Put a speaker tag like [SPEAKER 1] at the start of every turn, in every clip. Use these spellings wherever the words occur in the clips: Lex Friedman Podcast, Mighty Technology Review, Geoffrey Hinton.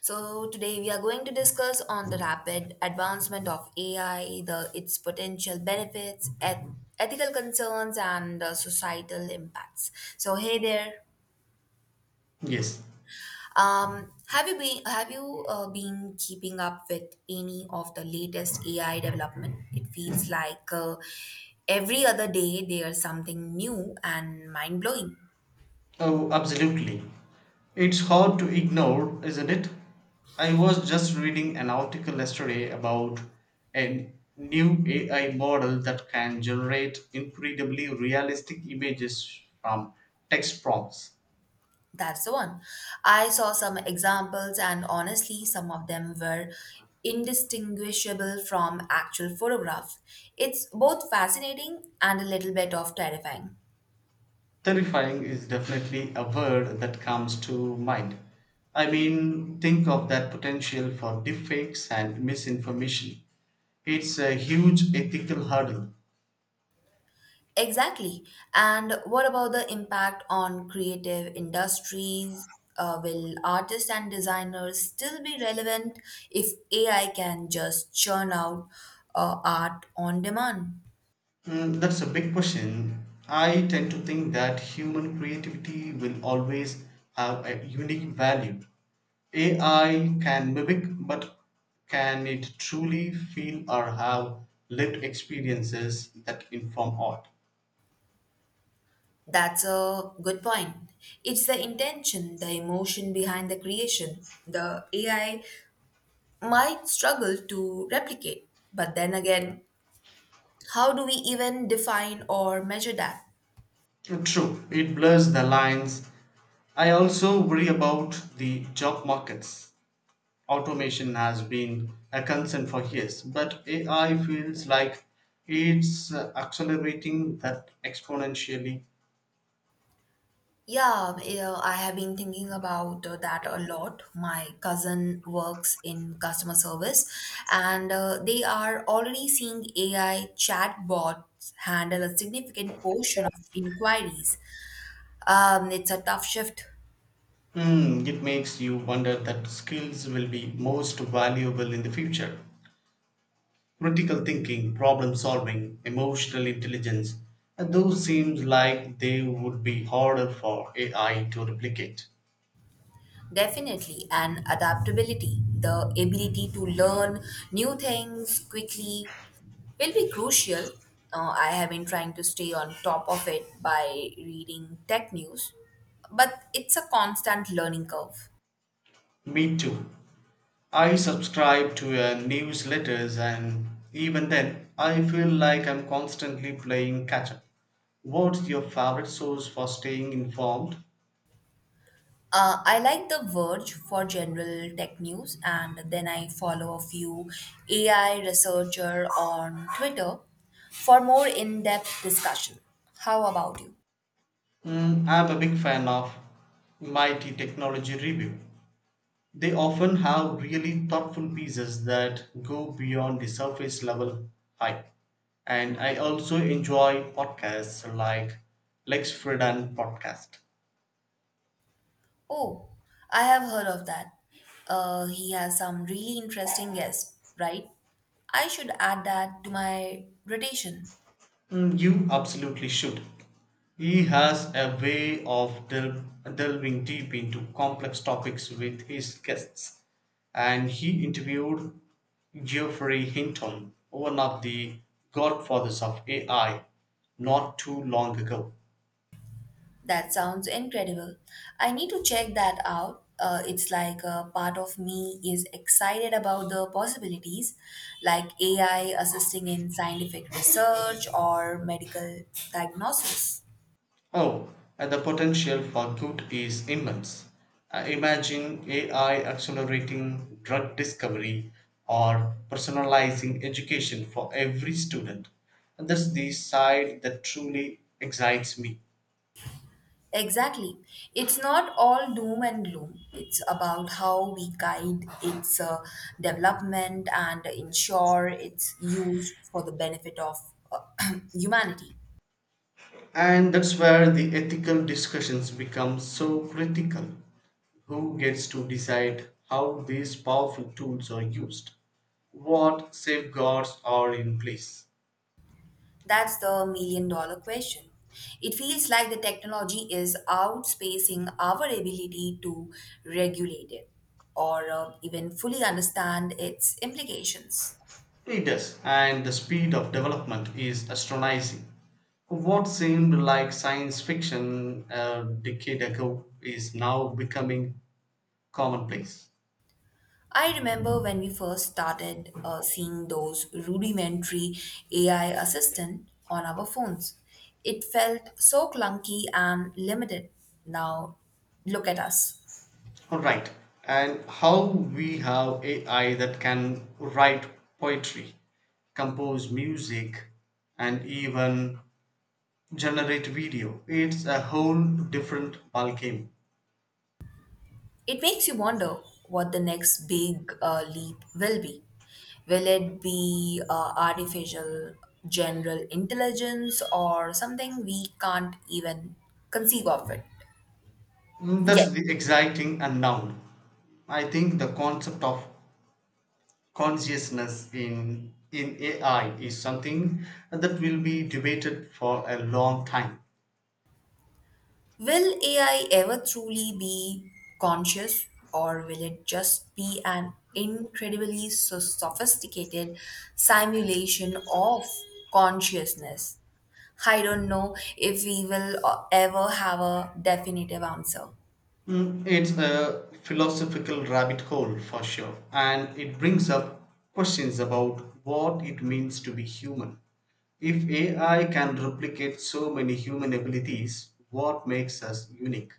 [SPEAKER 1] So today we are going to discuss on the rapid advancement of AI, the its potential benefits, ethical concerns, and the societal impacts. So hey there,
[SPEAKER 2] Yes.
[SPEAKER 1] have you been keeping up with any of the latest AI development? It feels like every other day there's something new and mind blowing.
[SPEAKER 2] Oh, absolutely. It's hard to ignore, isn't it? I was just reading an article yesterday about a new AI model that can generate incredibly realistic images from text prompts.
[SPEAKER 1] That's the one. I saw some examples, and honestly, some of them were indistinguishable from actual photographs. It's both fascinating and a little bit of terrifying.
[SPEAKER 2] Terrifying is definitely a word that comes to mind. I mean, think of that potential for deepfakes and misinformation. It's a huge ethical hurdle.
[SPEAKER 1] Exactly. And what about the impact on creative industries? Will artists and designers still be relevant if AI can just churn out art on demand?
[SPEAKER 2] Mm, that's a big question. I tend to think that human creativity will always have a unique value. AI can mimic, but can it truly feel or have lived experiences that inform art?
[SPEAKER 1] That's a good point. It's the intention, the emotion behind the creation. The AI might struggle to replicate. But then again, how do we even define or measure that?
[SPEAKER 2] True, it blurs the lines. I also worry about the job markets. Automation has been a concern for years, but AI feels like it's accelerating that exponentially.
[SPEAKER 1] Yeah, yeah, I have been thinking about that a lot. My cousin works in customer service and they are already seeing AI chatbots handle a significant portion of inquiries. It's a tough shift.
[SPEAKER 2] Hmm, it makes you wonder that skills will be most valuable in the future. Critical thinking, problem solving, emotional intelligence, and those seems like they would be harder for AI to replicate.
[SPEAKER 1] Definitely, and adaptability, the ability to learn new things quickly, will be crucial. I have been trying to stay on top of it by reading tech news, but it's a constant learning curve.
[SPEAKER 2] Me too. I subscribe to newsletters, and even then, I feel like I'm constantly playing catch up. What's your favorite source for staying informed?
[SPEAKER 1] I like The Verge for general tech news, and then I follow a few AI researcher on Twitter for more in-depth discussion. How about you?
[SPEAKER 2] Mm, I'm a big fan of Mighty Technology Review. They often have really thoughtful pieces that go beyond the surface level hype. And I also enjoy podcasts like Lex Friedman Podcast.
[SPEAKER 1] Oh, I have heard of that. He has some really interesting guests, right? I should add that to my rotation.
[SPEAKER 2] Mm, you absolutely should. He has a way of delving deep into complex topics with his guests, and he interviewed Geoffrey Hinton, one of the godfathers of AI, not too long ago.
[SPEAKER 1] That sounds incredible. I need to check that out. It's like a part of me is excited about the possibilities, like AI assisting in scientific research or medical diagnosis.
[SPEAKER 2] Oh, and the potential for good is immense. Imagine AI accelerating drug discovery or personalizing education for every student. And that's the side that truly excites me.
[SPEAKER 1] Exactly. It's not all doom and gloom. It's about how we guide its development and ensure it's used for the benefit of uh, humanity.
[SPEAKER 2] And that's where the ethical discussions become so critical. Who gets to decide how these powerful tools are used? What safeguards are in place?
[SPEAKER 1] That's the million dollar question. It feels like the technology is outspacing our ability to regulate it or even fully understand its implications.
[SPEAKER 2] It does, and the speed of development is astonishing. What seemed like science fiction a decade ago is now becoming commonplace.
[SPEAKER 1] I remember when we first started seeing those rudimentary AI assistant on our phones. It felt so clunky and limited. Now, look at us.
[SPEAKER 2] Alright, and how we have AI that can write poetry, compose music, and even generate video. It's a whole different ballgame.
[SPEAKER 1] It makes you wonder what the next big leap will be. Will it be artificial general intelligence or something we can't even conceive of it yet?
[SPEAKER 2] That's the exciting unknown. I think the concept of consciousness in AI is something that will be debated for a long time.
[SPEAKER 1] Will AI ever truly be conscious, or will it just be an incredibly sophisticated simulation of consciousness? I don't know if we will ever have a definitive answer.
[SPEAKER 2] Mm, it's a philosophical rabbit hole for sure, and it brings up questions about what it means to be human. If AI can replicate so many human abilities, what makes us unique?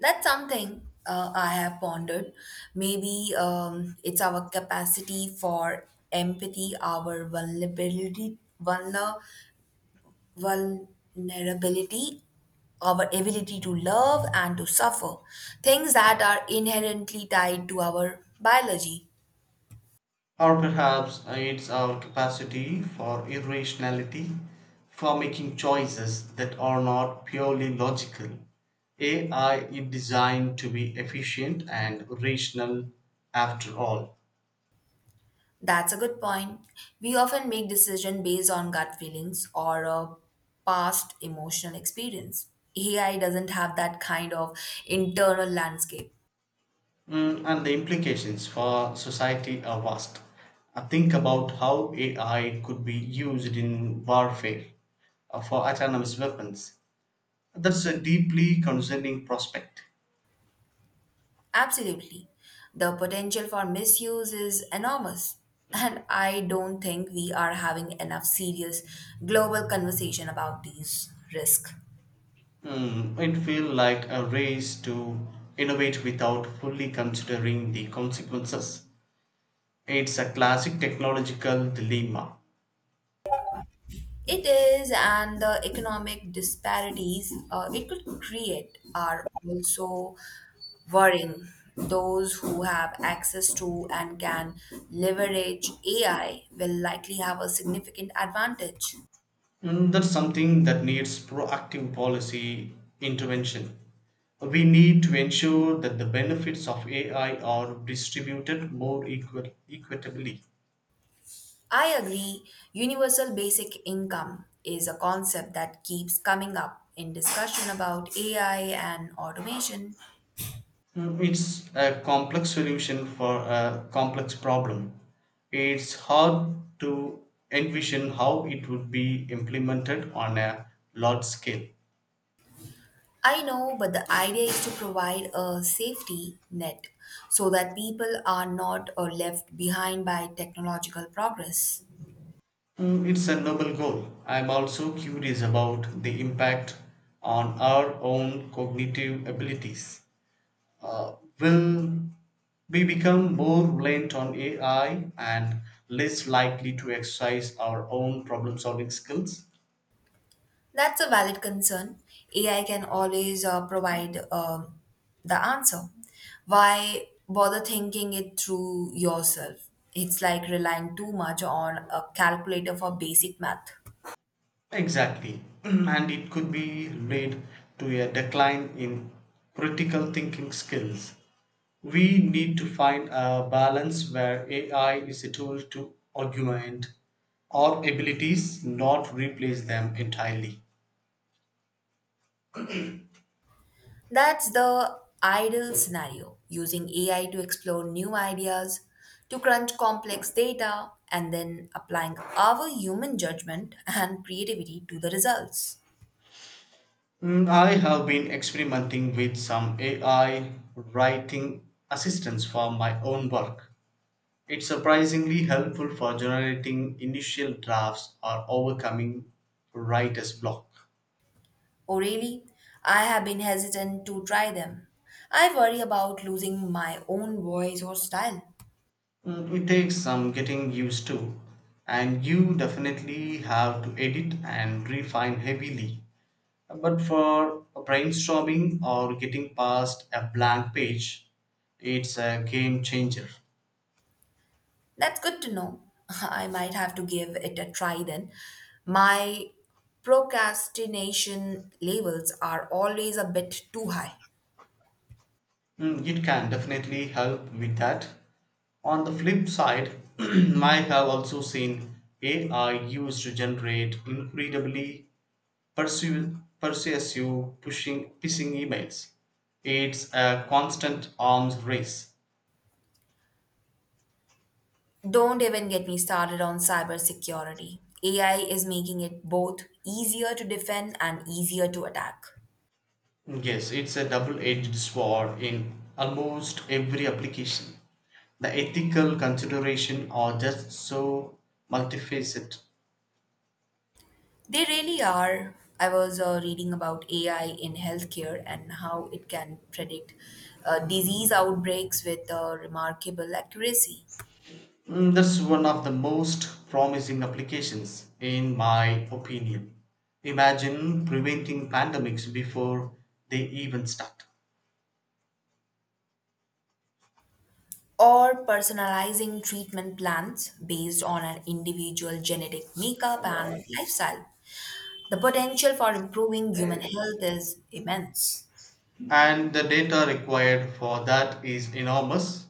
[SPEAKER 1] That's something I have pondered. Maybe it's our capacity for empathy, our vulnerability, our ability to love and to suffer, things that are inherently tied to our biology.
[SPEAKER 2] Or perhaps it's our capacity for irrationality, for making choices that are not purely logical. AI is designed to be efficient and rational after all.
[SPEAKER 1] That's a good point. We often make decisions based on gut feelings or a past emotional experience. AI doesn't have that kind of internal landscape.
[SPEAKER 2] Mm, and the implications for society are vast. Think about how AI could be used in warfare for autonomous weapons. That's a deeply concerning prospect.
[SPEAKER 1] Absolutely. The potential for misuse is enormous. And I don't think we are having enough serious global conversation about these risks.
[SPEAKER 2] Mm, it feels like a race to innovate without fully considering the consequences. It's a classic technological dilemma.
[SPEAKER 1] It is, and the economic disparities it could create are also worrying. Those who have access to and can leverage AI will likely have a significant advantage.
[SPEAKER 2] Mm, that's something that needs proactive policy intervention. We need to ensure that the benefits of AI are distributed more equitably.
[SPEAKER 1] I agree. Universal basic income is a concept that keeps coming up in discussion about AI and automation.
[SPEAKER 2] Mm, it's a complex solution for a complex problem. It's hard to envision how it would be implemented on a large scale.
[SPEAKER 1] I know, but the idea is to provide a safety net so that people are not left behind by technological progress.
[SPEAKER 2] Mm, it's a noble goal. I'm also curious about the impact on our own cognitive abilities. Uh, will we become more reliant on AI and less likely to exercise our own problem solving skills?
[SPEAKER 1] That's a valid concern. AI can always provide the answer. Why bother thinking it through yourself? It's like relying too much on a calculator for basic math.
[SPEAKER 2] Exactly. And it could be led to a decline in critical thinking skills. We need to find a balance where AI is a tool to augment our abilities, not replace them entirely.
[SPEAKER 1] That's the ideal scenario using AI to explore new ideas, to crunch complex data, and then applying our human judgment and creativity to the results.
[SPEAKER 2] Mm, I have been experimenting with some AI writing assistance for my own work. It's surprisingly helpful for generating initial drafts or overcoming writer's block.
[SPEAKER 1] Oh, really? I have been hesitant to try them. I worry about losing my own voice or style.
[SPEAKER 2] Mm, it takes some getting used to, and you definitely have to edit and refine heavily. But for brainstorming or getting past a blank page, it's a game changer.
[SPEAKER 1] That's good to know. I might have to give it a try then. My procrastination levels are always a bit too high.
[SPEAKER 2] Mm, it can definitely help with that. On the flip side, I have also seen AI used to generate incredibly persuasive pushing phishing emails. It's a constant arms race.
[SPEAKER 1] Don't even get me started on cybersecurity. AI is making it both easier to defend and easier to attack.
[SPEAKER 2] Yes, it's a double-edged sword in almost every application. The ethical consideration are just so multifaceted.
[SPEAKER 1] They really are. I was reading about AI in healthcare and how it can predict disease outbreaks with remarkable accuracy,
[SPEAKER 2] Mm, that's one of the most promising applications, in my opinion. Imagine preventing pandemics before they even start.
[SPEAKER 1] or personalizing treatment plans based on an individual genetic makeup and lifestyle. The potential for improving human health is immense.
[SPEAKER 2] And the data required for that is enormous.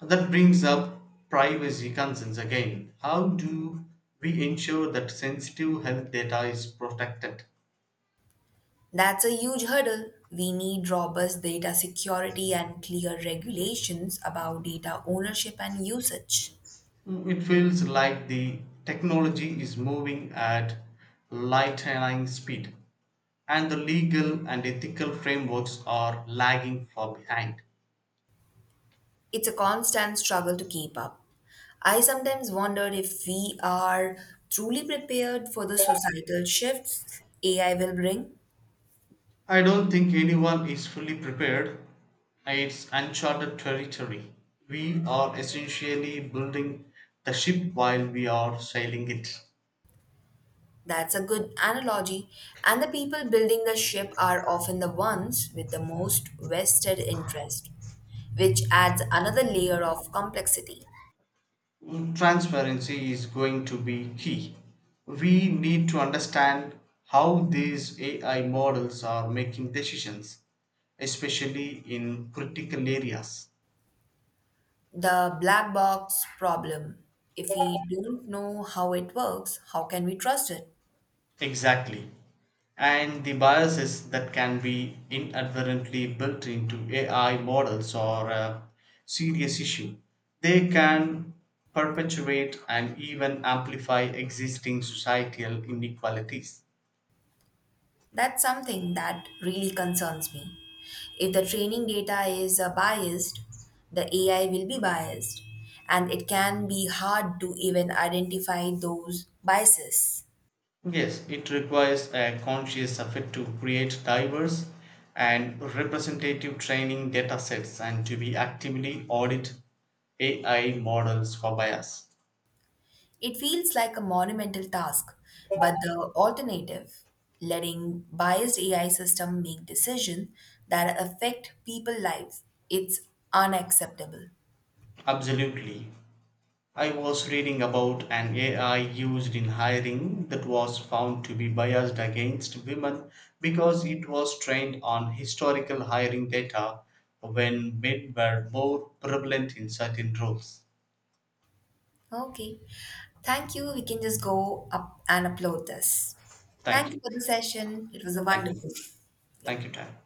[SPEAKER 2] That brings up privacy concerns again. How do we ensure that sensitive health data is protected?
[SPEAKER 1] That's a huge hurdle. We need robust data security and clear regulations about data ownership and usage.
[SPEAKER 2] Mm, it feels like the technology is moving at lightning speed, and the legal and ethical frameworks are lagging far behind.
[SPEAKER 1] It's a constant struggle to keep up. I sometimes wonder if we are truly prepared for the societal shifts AI will bring.
[SPEAKER 2] I don't think anyone is fully prepared. It's uncharted territory. We are essentially building the ship while we are sailing it.
[SPEAKER 1] That's a good analogy. And the people building the ship are often the ones with the most vested interest, which adds another layer of complexity.
[SPEAKER 2] Transparency is going to be key. We need to understand how these AI models are making decisions, especially in critical areas.
[SPEAKER 1] The black box problem. If we don't know how it works, how can we trust it?
[SPEAKER 2] Exactly. And the biases that can be inadvertently built into AI models are a serious issue. They can perpetuate and even amplify existing societal inequalities.
[SPEAKER 1] That's something that really concerns me. If the training data is biased, the AI will be biased, and it can be hard to even identify those biases.
[SPEAKER 2] Yes, it requires a conscious effort to create diverse and representative training data sets and to be actively audit AI models for bias.
[SPEAKER 1] It feels like a monumental task, but the alternative, letting biased AI system make decisions that affect people's lives, it's unacceptable.
[SPEAKER 2] Absolutely. I was reading about an AI used in hiring that was found to be biased against women because it was trained on historical hiring data when men were more prevalent in certain roles.
[SPEAKER 1] Okay. Thank you. We can just go up and upload this.
[SPEAKER 2] Thank
[SPEAKER 1] Thank you
[SPEAKER 2] you.
[SPEAKER 1] for the session. It was a
[SPEAKER 2] Thank you.
[SPEAKER 1] wonderful. Yeah.
[SPEAKER 2] Thank you, Tan.